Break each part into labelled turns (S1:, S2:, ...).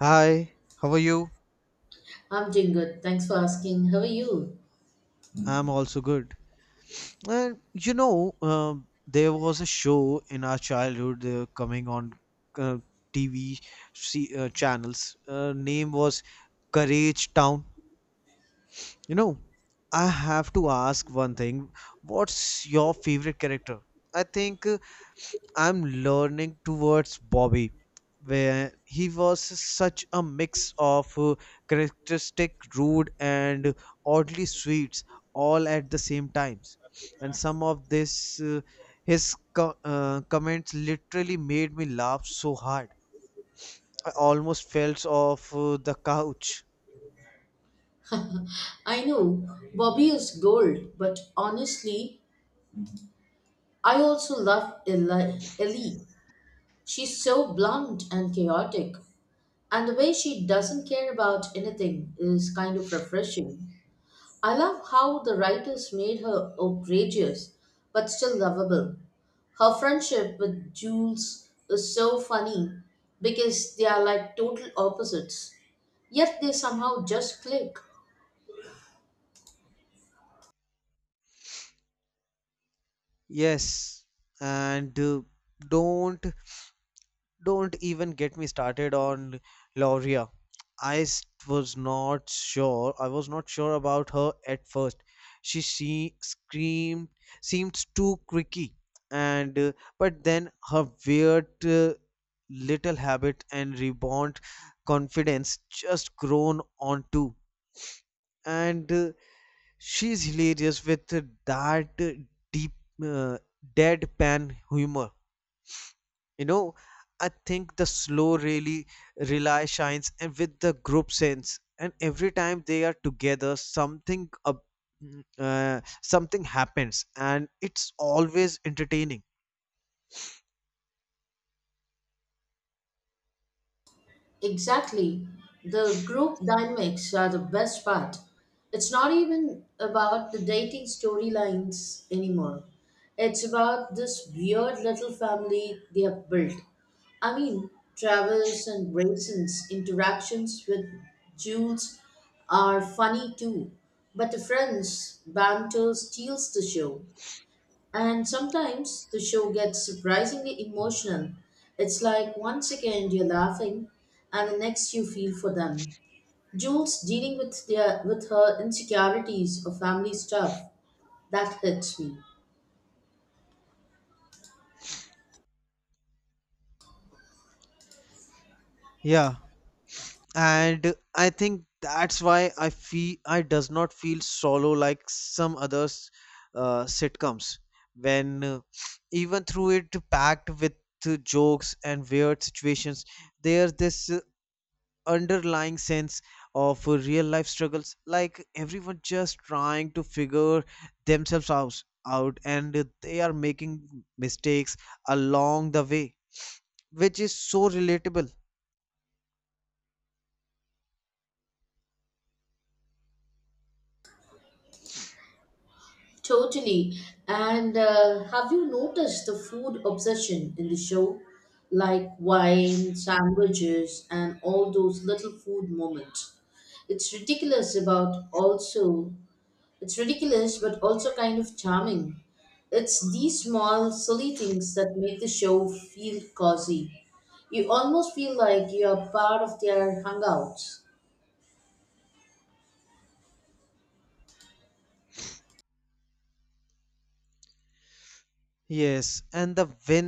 S1: Hi, how are you?
S2: I'm doing good. Thanks for asking. How are you?
S1: I'm also good. And there was a show in our childhood coming on uh, TV see, channels. Name was Courage Town. You know, I have to ask one thing. What's your favorite character? I think I'm learning towards Bobby, where he was such a mix of characteristic, rude, and oddly sweet, all at the same times. And some of this, his comments literally made me laugh so hard. I almost fell off the couch.
S2: I know Bobby is gold, but honestly, I also love Eli. Ellie. She's so blunt and chaotic, and the way she doesn't care about anything is kind of refreshing. I love how the writers made her outrageous, but still lovable. Her friendship with Jules is so funny because they are like total opposites, yet they somehow just click.
S1: Yes, and uh, don't Don't even get me started on Lauria. I was not sure. I was not sure about her at first. She screamed, seemed too creaky, and but then her weird little habit and reborn confidence just grown on too. And she's hilarious with that deep uh, deadpan humor, you know, I think the slow really rely shines and with the group sense, and every time they are together, something happens, and it's always entertaining.
S2: Exactly. The group dynamics are the best part. It's not even about the dating storylines anymore. It's about this weird little family they have built. I mean, Travis and Brayson's interactions with Jules are funny too, but the friends' banter steals the show. And sometimes the show gets surprisingly emotional. It's like one second you're laughing and the next you feel for them. Jules dealing with their with her insecurities or family stuff that hits me.
S1: Yeah, and I think that's why I does not feel solo like some others sitcoms, when, even through it packed with jokes and weird situations, there's this underlying sense of real life struggles, like everyone just trying to figure themselves out and they are making mistakes along the way, which is so relatable.
S2: Totally. And have you noticed the food obsession in the show, like wine, sandwiches, and all those little food moments? It's ridiculous about also It's ridiculous, but also kind of charming. It's these small, silly things that make the show feel cozy. You almost feel like you're part of their hangouts.
S1: Yes, and the win,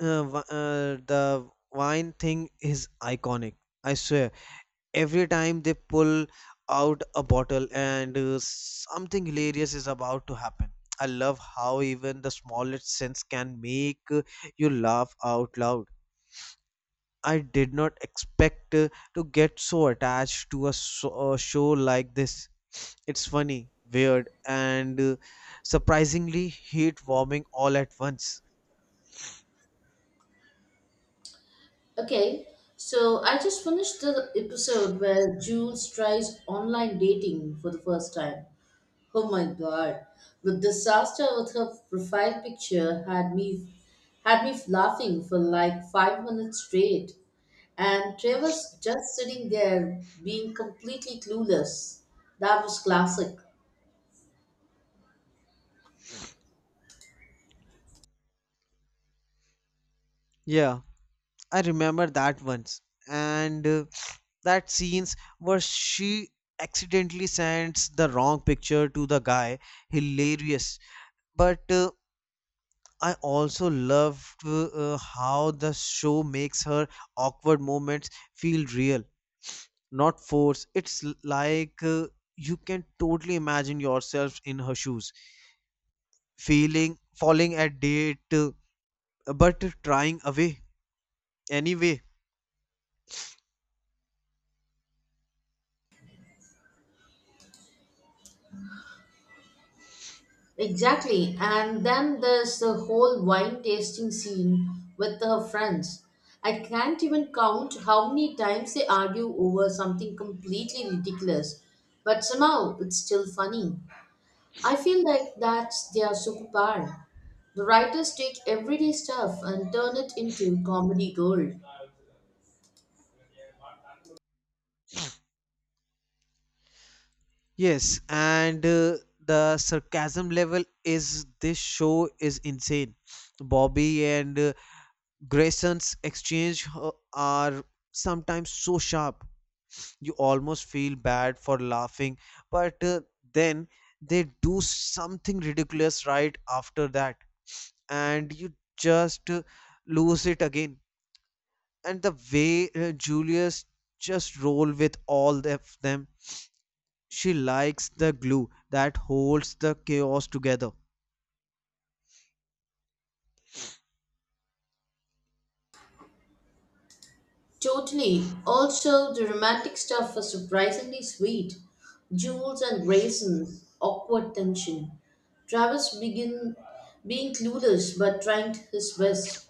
S1: uh, wi- uh, the wine thing is iconic. I swear, every time they pull out a bottle and something hilarious is about to happen. I love how even the smallest sense can make you laugh out loud. I did not expect to get so attached to a show like this. It's funny, weird, and surprisingly heat warming all at once.
S2: Okay, so I just finished the episode where Jules tries online dating for the first time. Oh my God, the disaster with her profile picture had me laughing for like 5 minutes straight, and Trevor's just sitting there being completely clueless. That was classic.
S1: Yeah, I remember that once. And that scenes where she accidentally sends the wrong picture to the guy, hilarious. But I also loved how the show makes her awkward moments feel real, not forced. It's like, you can totally imagine yourself in her shoes, feeling falling at date, but trying away anyway.
S2: Exactly, and then there's the whole wine tasting scene with her friends. I can't even count how many times they argue over something completely ridiculous, but somehow it's still funny. I feel like that's their superpower. The writers take everyday stuff and turn it into comedy gold.
S1: Yes, and the sarcasm level is this show is insane. Bobby and Grayson's exchange are sometimes so sharp. You almost feel bad for laughing, but then they do something ridiculous right after that, and you just lose it again. And the way Julius just roll with all of them. She likes the glue that holds the chaos together.
S2: Totally. Also, the romantic stuff was surprisingly sweet. Jules and Grayson's awkward tension. Travis begin being clueless but trying his best.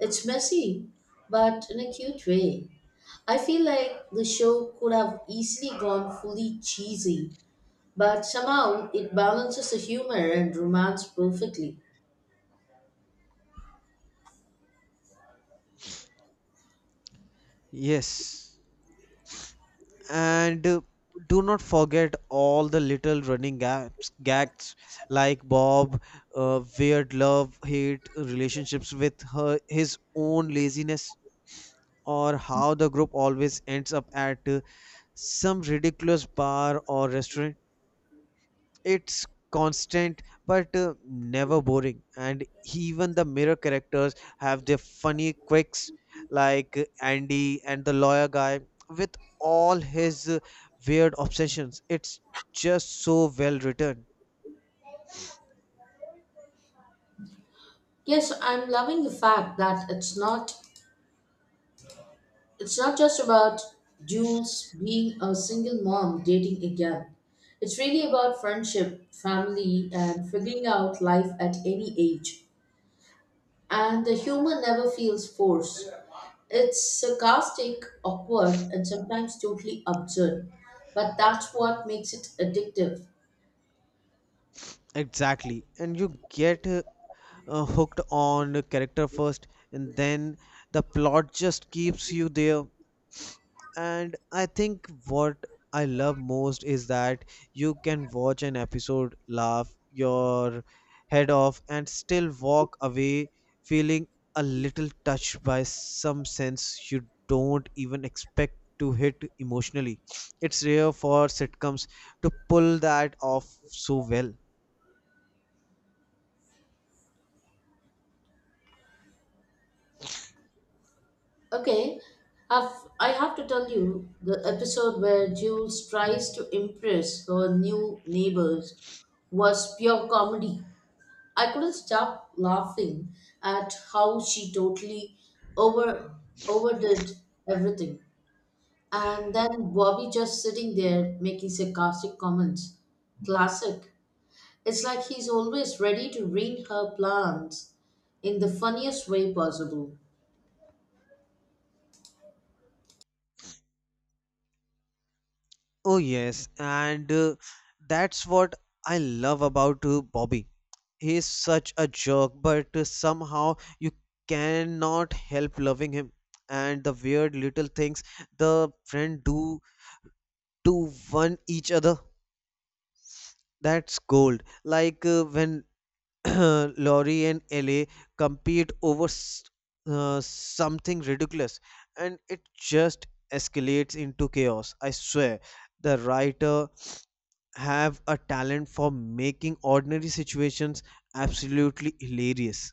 S2: It's messy, but in a cute way. I feel like the show could have easily gone fully cheesy, but somehow it balances the humor and romance perfectly.
S1: Yes. And do not forget all the little running gags, like weird love, hate relationships with his own laziness, or how the group always ends up at some ridiculous bar or restaurant. It's constant, but never boring, and even the mirror characters have their funny quirks, like Andy and the lawyer guy with all his weird obsessions. It's just so well written.
S2: Yes, I'm loving the fact that it's not just about Jules being a single mom dating again. It's really about friendship, family, and figuring out life at any age. And the humor never feels forced. It's sarcastic, awkward, and sometimes totally absurd. But that's what makes it addictive.
S1: Exactly, and you get hooked on a character first, and then the plot just keeps you there. And I think what I love most is that you can watch an episode, laugh your head off, and still walk away feeling a little touched by some sense you don't even expect to hit emotionally. It's rare for sitcoms to pull that off so well.
S2: Okay, I've, I have to tell you the episode where Jules tries to impress her new neighbors was pure comedy. I couldn't stop laughing at how she totally over overdid everything. And then Bobby just sitting there making sarcastic comments. Classic. It's like he's always ready to ruin her plans in the funniest way possible.
S1: Oh yes, and that's what I love about Bobby. He's such a jerk, but somehow you cannot help loving him. And the weird little things the friend do to one each other, that's gold. Like when Laurie and Ellie compete over something ridiculous, and it just escalates into chaos. I swear, the writer have a talent for making ordinary situations absolutely hilarious.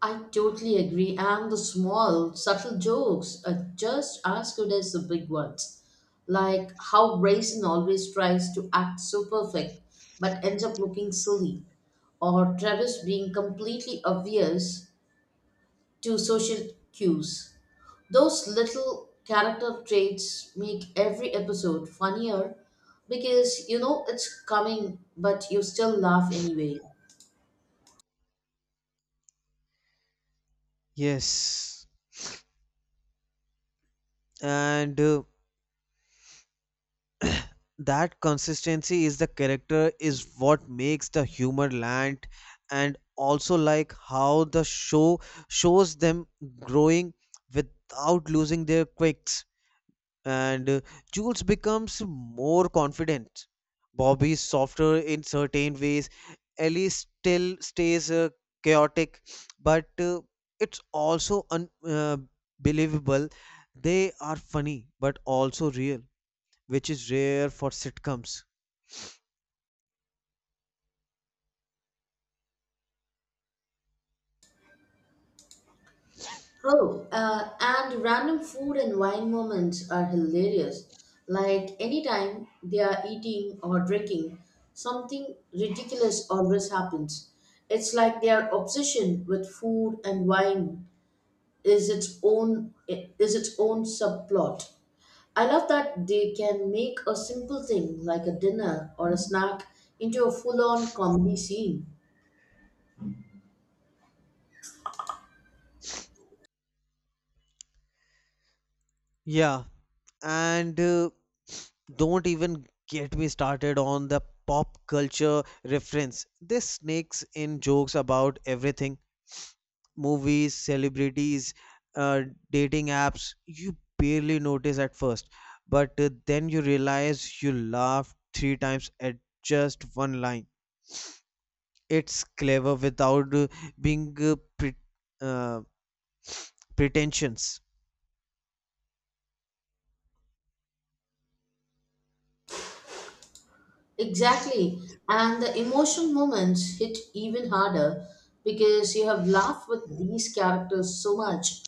S2: I totally agree. And the small, subtle jokes are just as good as the big ones. Like how Grayson always tries to act so perfect but ends up looking silly, or Travis being completely obvious to social cues. Those little character traits make every episode funnier because you know it's coming, but you still laugh anyway.
S1: Yes, and that consistency is the character is what makes the humor land, and also like how the show shows them growing without losing their quirks. And Jules becomes more confident. Bobby is softer in certain ways. Ellie still stays chaotic, but it's also unbelievable. They are funny, but also real, which is rare for sitcoms.
S2: Oh, and random food and wine moments are hilarious. Like anytime they are eating or drinking, something ridiculous always happens. It's like their obsession with food and wine is its own subplot. I love that they can make a simple thing like a dinner or a snack into a full-on comedy scene.
S1: Yeah, and don't even get me started on the pop culture reference. This snakes in jokes about everything: movies, celebrities, uh, dating apps, you barely notice at first. But then you realize you laughed three times at just one line. It's clever without being uh, pretensions.
S2: Exactly. And the emotional moments hit even harder because you have laughed with these characters so much.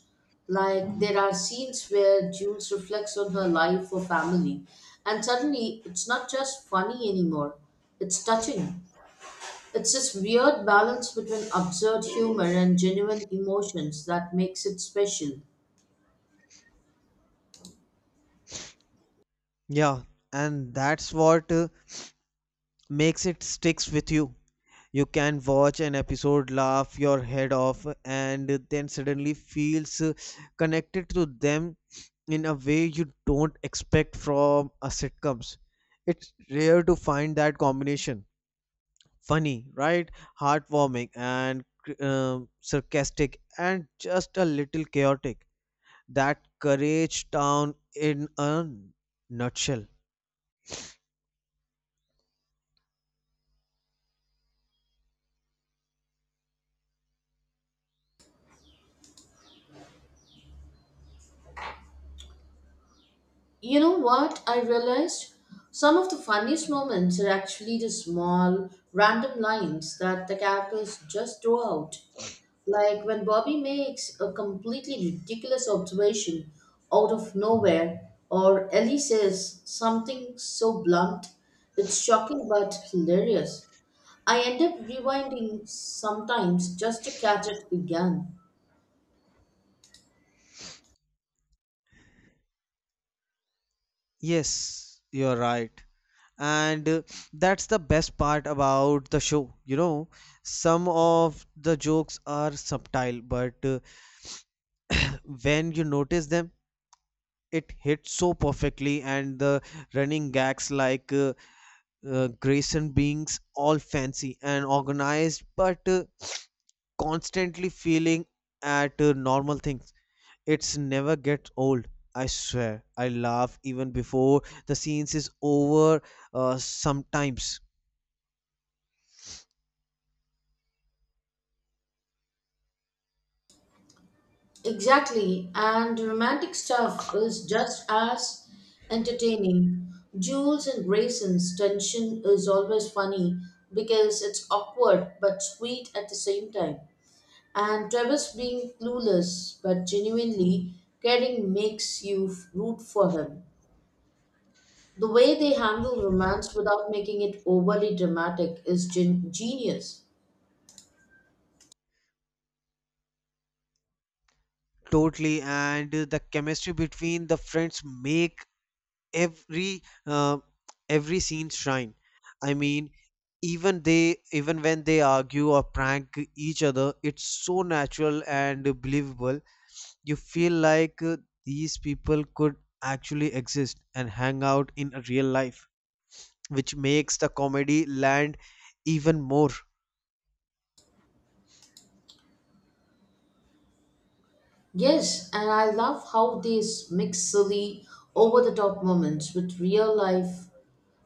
S2: Like there are scenes where Jules reflects on her life or family, and suddenly it's not just funny anymore, it's touching. It's this weird balance between absurd humor and genuine emotions that makes it special.
S1: Yeah, and that's what makes it sticks with you. You can watch an episode, laugh your head off, and then suddenly feels connected to them in a way you don't expect from a sitcoms. It's rare to find that combination. Funny, right? Heartwarming and sarcastic and just a little chaotic. That Courage Town in a nutshell.
S2: You know what? I realized some of the funniest moments are actually the small, random lines that the characters just throw out. Like when Bobby makes a completely ridiculous observation out of nowhere, or Ellie says something so blunt, it's shocking but hilarious. I end up rewinding sometimes just to catch it again.
S1: Yes, you're right. And that's the best part about the show. Some of the jokes are subtle, but when you notice them, it hit so perfectly. And the running gags, like Grayson being all fancy and organized but constantly feeling at normal things, it's never gets old. I swear, I laugh even before the scenes is over, sometimes.
S2: Exactly, and romantic stuff is just as entertaining. Jules and Grayson's tension is always funny because it's awkward but sweet at the same time. And Travis being clueless but genuinely caring makes you root for him. The way they handle romance without making it overly dramatic is genius.
S1: Totally, and the chemistry between the friends make every uh, every scene shrine. I mean, even when they argue or prank each other, it's so natural and believable. You feel like these people could actually exist and hang out in a real life, which makes the comedy land even more.
S2: Yes, and I love how they mix silly, over the top moments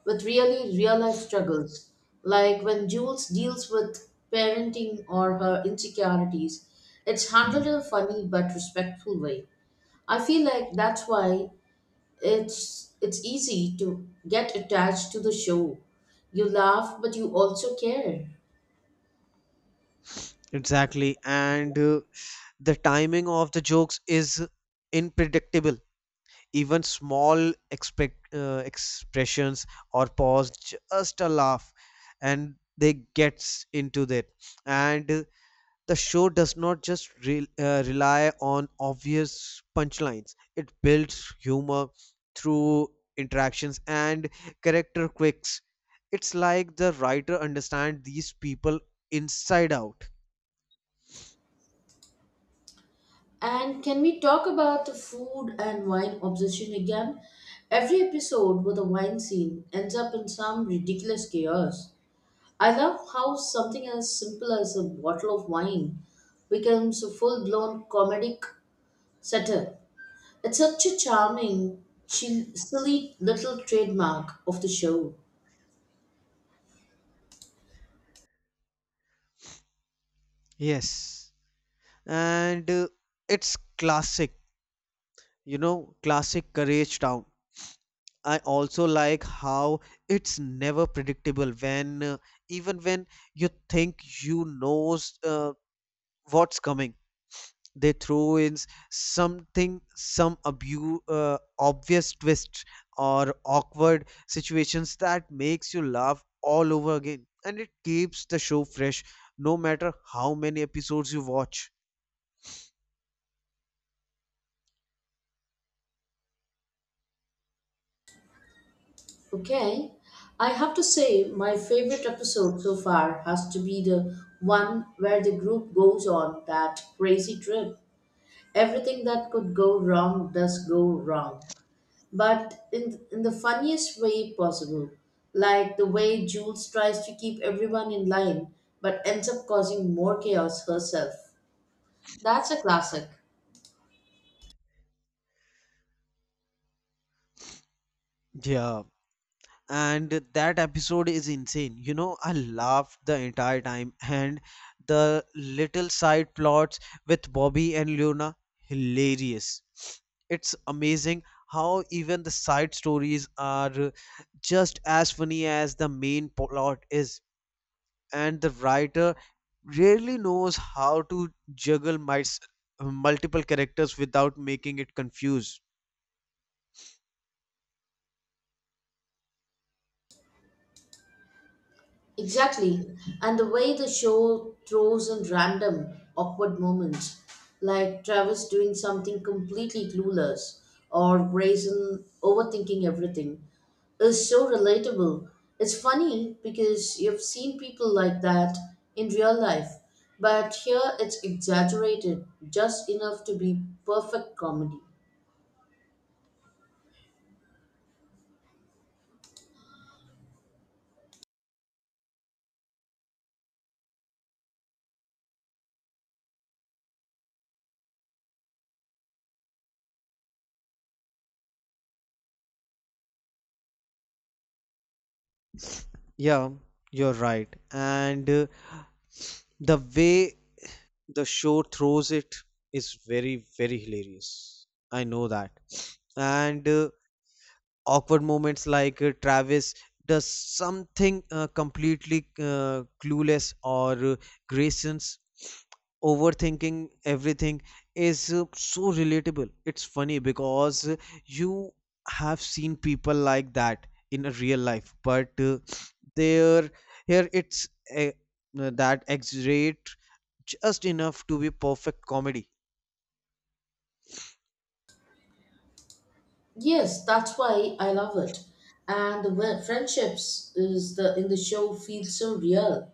S2: with really real life struggles, like when Jules deals with parenting or her insecurities. It's handled in a funny but respectful way. I feel like that's why it's easy to get attached to the show. You laugh, but you also care.
S1: Exactly, and the timing of the jokes is unpredictable. Even small expressions or pause just a laugh, and they gets into that. And the show does not just rely on obvious punchlines, it builds humor through interactions and character quirks. It's like the writer understands these people inside out.
S2: And can we talk about the food and wine obsession again? Every episode with a wine scene ends up in some ridiculous chaos. I love how something as simple as a bottle of wine becomes a full blown comedic satire. It's such a charming, chill, silly little trademark of the show.
S1: Yes. And it's classic, classic Courage Town. I also like how it's never predictable when you think you knows what's coming, they throw in s- something some abu obvious twist or awkward situations that makes you laugh all over again, and it keeps the show fresh no matter how many episodes you watch.
S2: Okay, I have to say, my favorite episode so far has to be the one where the group goes on that crazy trip. Everything that could go wrong does go wrong but in the funniest way possible, like the way Jules tries to keep everyone in line but ends up causing more chaos herself. That's a classic.
S1: Yeah, and that episode is insane. I laughed the entire time. And the little side plots with Bobby and Leona, hilarious. It's amazing how even the side stories are just as funny as the main plot is. And the writer really knows how to juggle multiple characters without making it confused.
S2: Exactly. And the way the show throws in random, awkward moments, like Travis doing something completely clueless or Grayson overthinking everything, is so relatable. It's funny because you've seen people like that in real life, but here it's exaggerated just enough to be perfect comedy.
S1: Yeah, you're right. And the way the show throws it is very very hilarious, I know that. And awkward moments, like Travis does something completely clueless, or Grayson's overthinking everything, is so relatable. It's funny because you have seen people like that in a real life, but there here it's a, that exaggerate just enough to be perfect comedy.
S2: Yes, that's why I love it. And the wi- friendships is the in the show feel so real.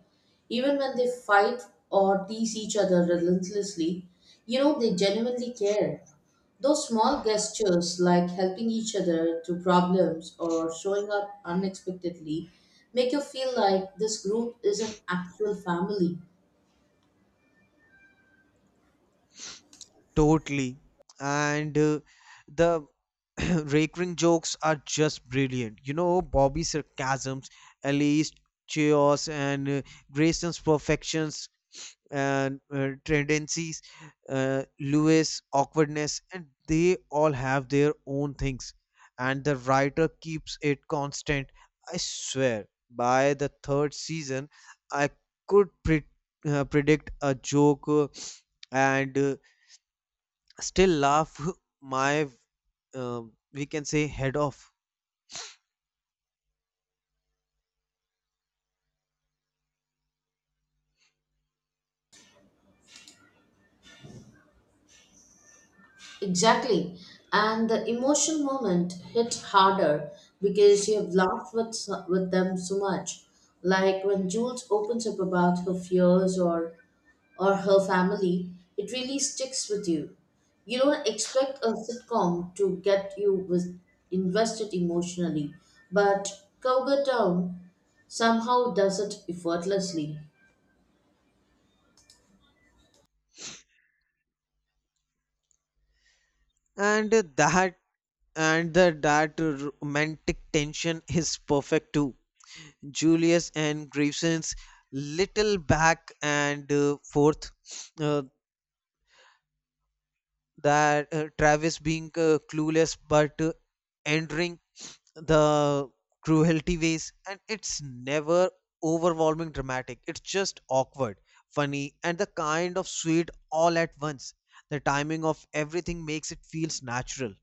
S2: Even when they fight or tease each other relentlessly, you know they genuinely care. Those small gestures like helping each other through problems or showing up unexpectedly make you feel like this group is an actual family.
S1: Totally, and the recurring jokes are just brilliant. Bobby's sarcasms, Ellie's chaos, and Grayson's perfections and tendencies, Lewis' awkwardness, and they all have their own things. And the writer keeps it constant. I swear, by the third season, I could predict a joke, and still laugh my, uh, we can say, head off.
S2: Exactly. And the emotional moment hit harder because you have laughed with them so much. Like when Jules opens up about her fears or her family, it really sticks with you. You don't expect a sitcom to get you invested emotionally, but Cowgirl Town somehow does it effortlessly.
S1: And that and the that romantic tension is perfect too. Julius and Grayson's little back and forth, uh, that Travis being clueless but entering the cruelty ways, and it's never overwhelming dramatic. It's just awkward, funny, and the kind of sweet, all at once. The timing of everything makes it feels natural.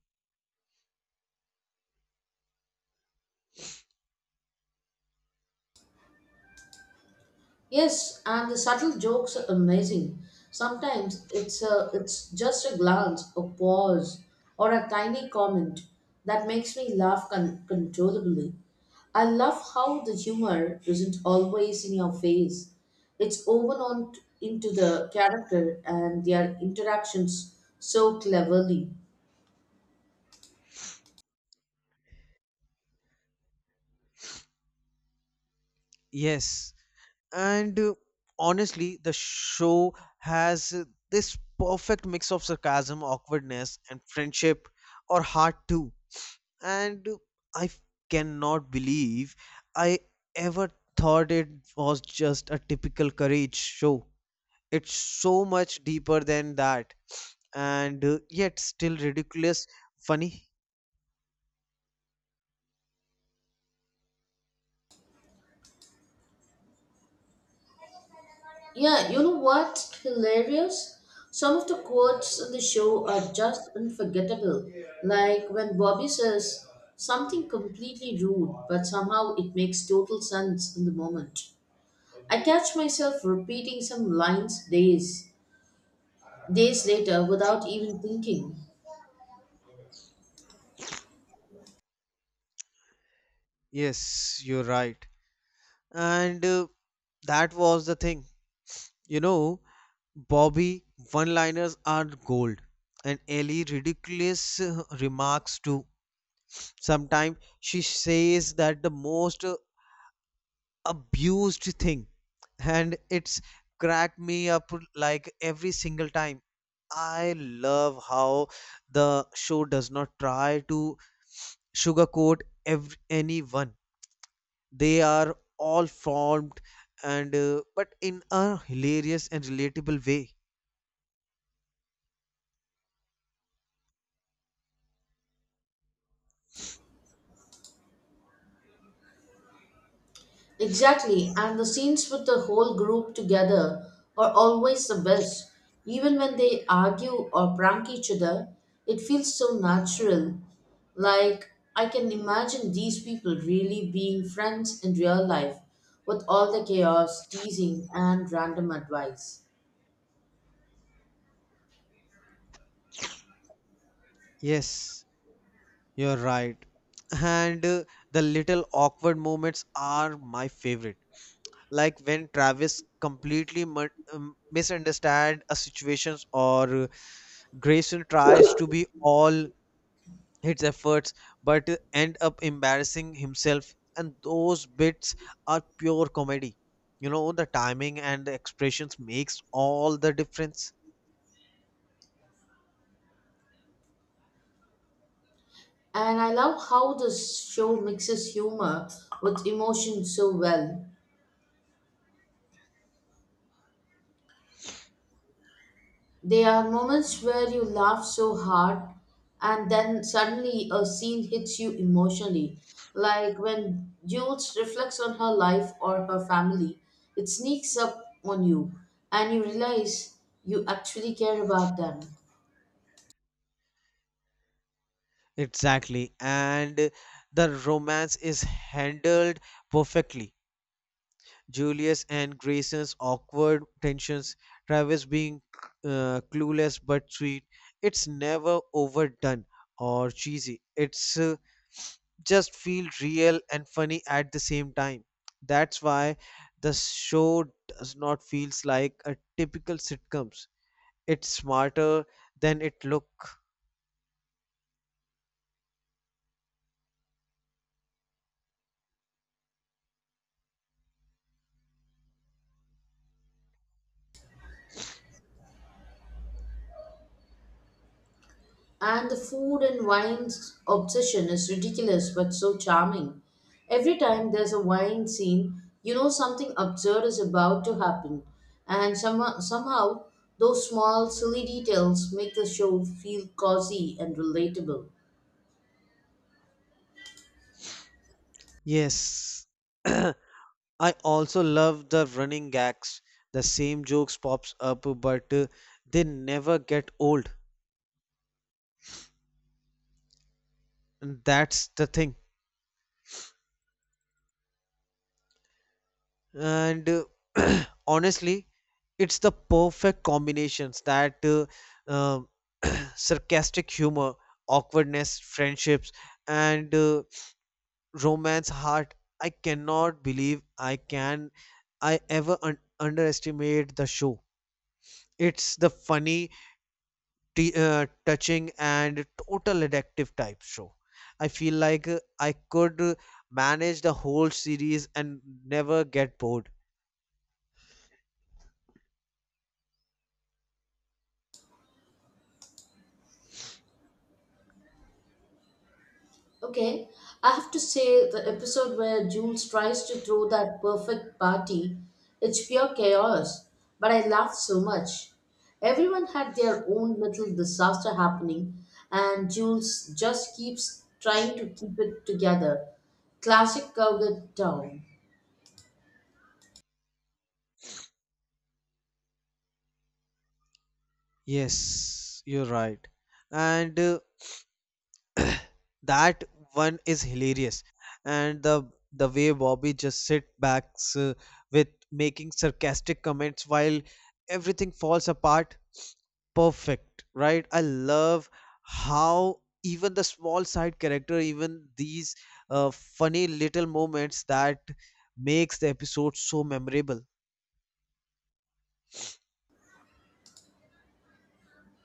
S2: Yes, and the subtle jokes are amazing. Sometimes it's just a glance, a pause, or a tiny comment that makes me laugh controllably. I love how the humor isn't always in your face. It's woven into the character and their interactions so cleverly.
S1: Yes, and honestly the show has this perfect mix of sarcasm, awkwardness, and friendship or heart too. And I cannot believe I ever thought it was just a typical courage show. It's so much deeper than that, and yet still ridiculous funny.
S2: Yeah, you know what's hilarious? Some of the quotes in the show are just unforgettable. Like when Bobby says something completely rude, but somehow it makes total sense in the moment. I catch myself repeating some lines days later without even thinking.
S1: Yes, you're right. And that was the thing. you know Bobby one liners are gold. And Ellie ridiculous remarks too. Sometimes she says that the most abused thing, and it's cracked me up like every single time. I love how the show does not try to sugarcoat anyone. They are all formed, and but in a hilarious and relatable way.
S2: Exactly, and the scenes with the whole group together are always the best. Even when they argue or prank each other, it feels so natural. Like, I can imagine these people really being friends in real life with all the chaos, teasing, and random advice.
S1: Yes, you're right. And the little awkward moments are my favorite, like when Travis completely misunderstand a situations, or Grayson tries to be all his efforts but end up embarrassing himself, and those bits are pure comedy. The timing and the expressions makes all the difference.
S2: And I love how this show mixes humor with emotion so well. There are moments where you laugh so hard and then suddenly a scene hits you emotionally, like when Jules reflects on her life or her family. It sneaks up on you and you realize you actually care about them.
S1: Exactly, and the romance is handled perfectly. Julius and Grayson's awkward tensions, Travis being clueless but sweet. It's never overdone or cheesy. It's just feel real and funny at the same time. That's why the show does not feels like a typical sitcoms. It's smarter than it look.
S2: And the food and wine's obsession is ridiculous but so charming. Every time there's a wine scene, you know something absurd is about to happen. And somehow those small, silly details make the show feel cozy and relatable.
S1: Yes. I also love the running gags. The same jokes pops up but they never get old. And that's the thing. And honestly, it's the perfect combinations that um sarcastic humor, awkwardness, friendships, and romance heart. I cannot believe I ever underestimate the show. It's the funny, touching, and total addictive type show. I feel like I could manage the whole series and never get bored.
S2: Okay, I have to say the episode where Jules tries to throw that perfect party, it's pure chaos, but I laughed so much. Everyone had their own little disaster happening, and Jules just keeps trying to keep it together. Classic Cowgirl Town.
S1: Yes, you're right. And that one is hilarious. And the way Bobby just sit back uh, with making sarcastic comments while everything falls apart, perfect, right? I love how even the small side character, even these funny little moments that makes the episode so memorable.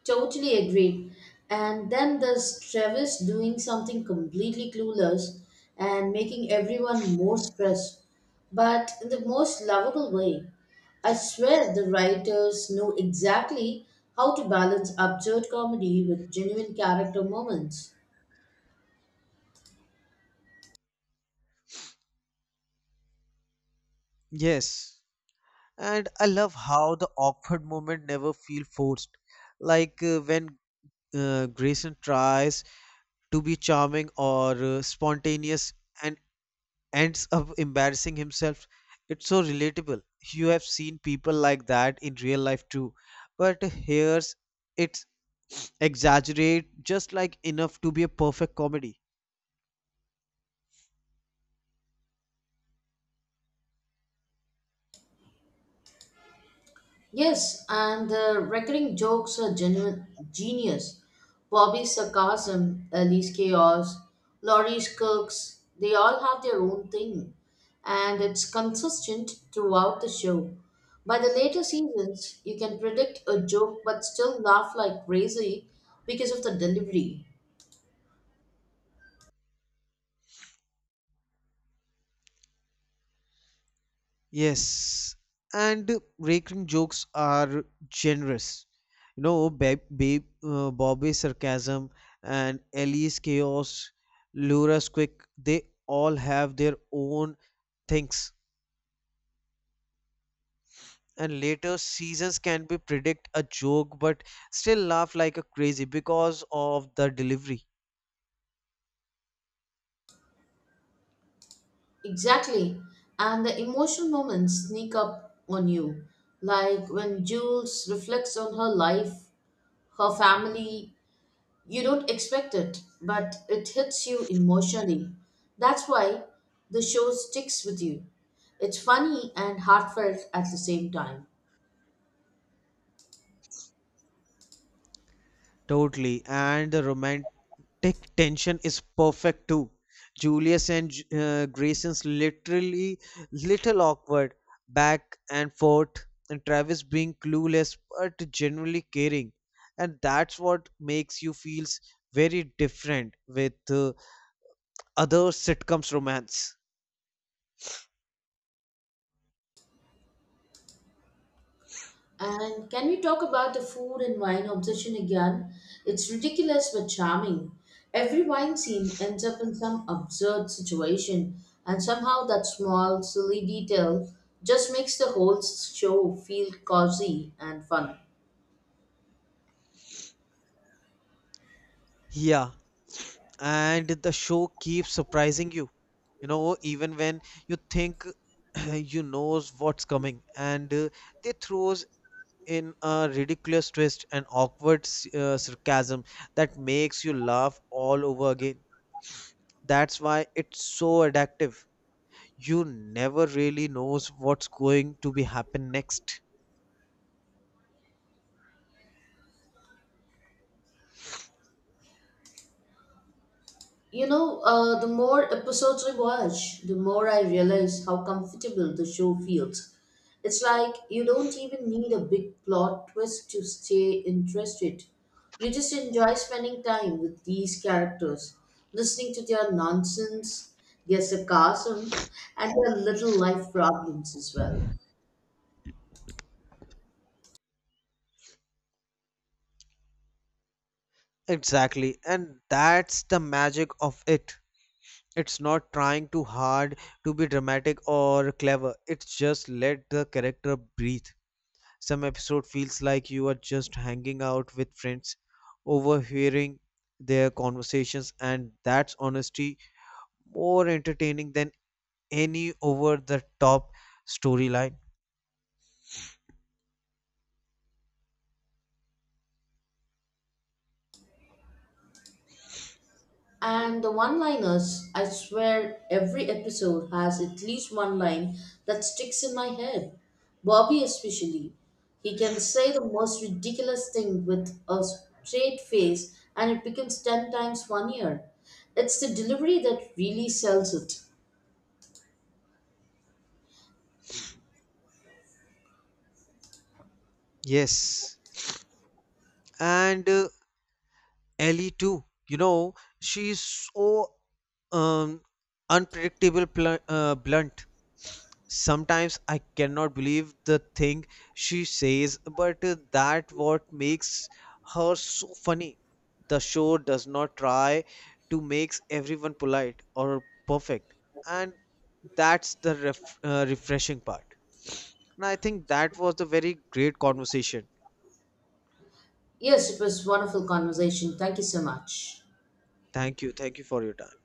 S2: Totally agreed. And then there's Travis doing something completely clueless and making everyone more stressed, but in the most lovable way. I swear the writers know exactly how to balance absurd comedy with genuine character moments.
S1: Yes. And I love how the awkward moment never feel forced. Like when Grayson tries to be charming or spontaneous and ends up embarrassing himself. It's so relatable. You have seen people like that in real life too, but here's it's exaggerate just like enough to be a perfect comedy.
S2: Yes, and the recurring jokes are genuine genius. Bobby's sarcasm, Ellie's chaos, Laurie's quirks, they all have their own thing, and it's consistent throughout the show. By the later seasons, you can predict a joke but still laugh like crazy because of the delivery.
S1: Yes, and recurring jokes are generous. Bobby's sarcasm and Ellie's chaos, Laura's quick, they all have their own thinks. And later seasons can be predict a joke but still laugh like a crazy because of the delivery.
S2: Exactly, and the emotional moments sneak up on you, like when Jules reflects on her life, her family. You don't expect it, but it hits you emotionally. That's why the show sticks with you. It's funny and heartfelt at the same time.
S1: Totally, and the romantic tension is perfect too. Julius and Grayson's literally little awkward back and forth, and Travis being clueless but genuinely caring, and that's what makes you feels very different with other sitcoms romance.
S2: And can we talk about the food and wine obsession again? It's ridiculous but charming. Every wine scene ends up in some absurd situation, and somehow that small, silly detail just makes the whole show feel cozy and fun.
S1: Yeah, and the show keeps surprising you, you know even when you think you knows what's coming, and they throws in a ridiculous twist and awkward sarcasm that makes you laugh all over again. That's why it's so addictive, you never really knows what's going to be happen next.
S2: You know, the more episodes I watch, the more I realize how comfortable the show feels. It's like you don't even need a big plot twist to stay interested. You just enjoy spending time with these characters, listening to their nonsense, their sarcasm, and their little life problems as well.
S1: Exactly, and that's the magic of it. It's not trying too hard to be dramatic or clever. It's just let the character breathe. Some episode feels like you are just hanging out with friends, overhearing their conversations, and that's honestly more entertaining than any over the top storyline.
S2: And the one liners, I swear every episode has at least one line that sticks in my head. Bobby, especially. He can say the most ridiculous thing with a straight face and it becomes 10 times funnier. It's the delivery that really sells it.
S1: Yes. And Ellie too. She's so um, unpredictable, blunt. Sometimes I cannot believe the thing she says, but that what makes her so funny. The show does not try to make everyone polite or perfect, and that's the refreshing part. And I think that was a very great conversation.
S2: Yes, it was wonderful conversation. Thank you so much.
S1: Thank you for your time.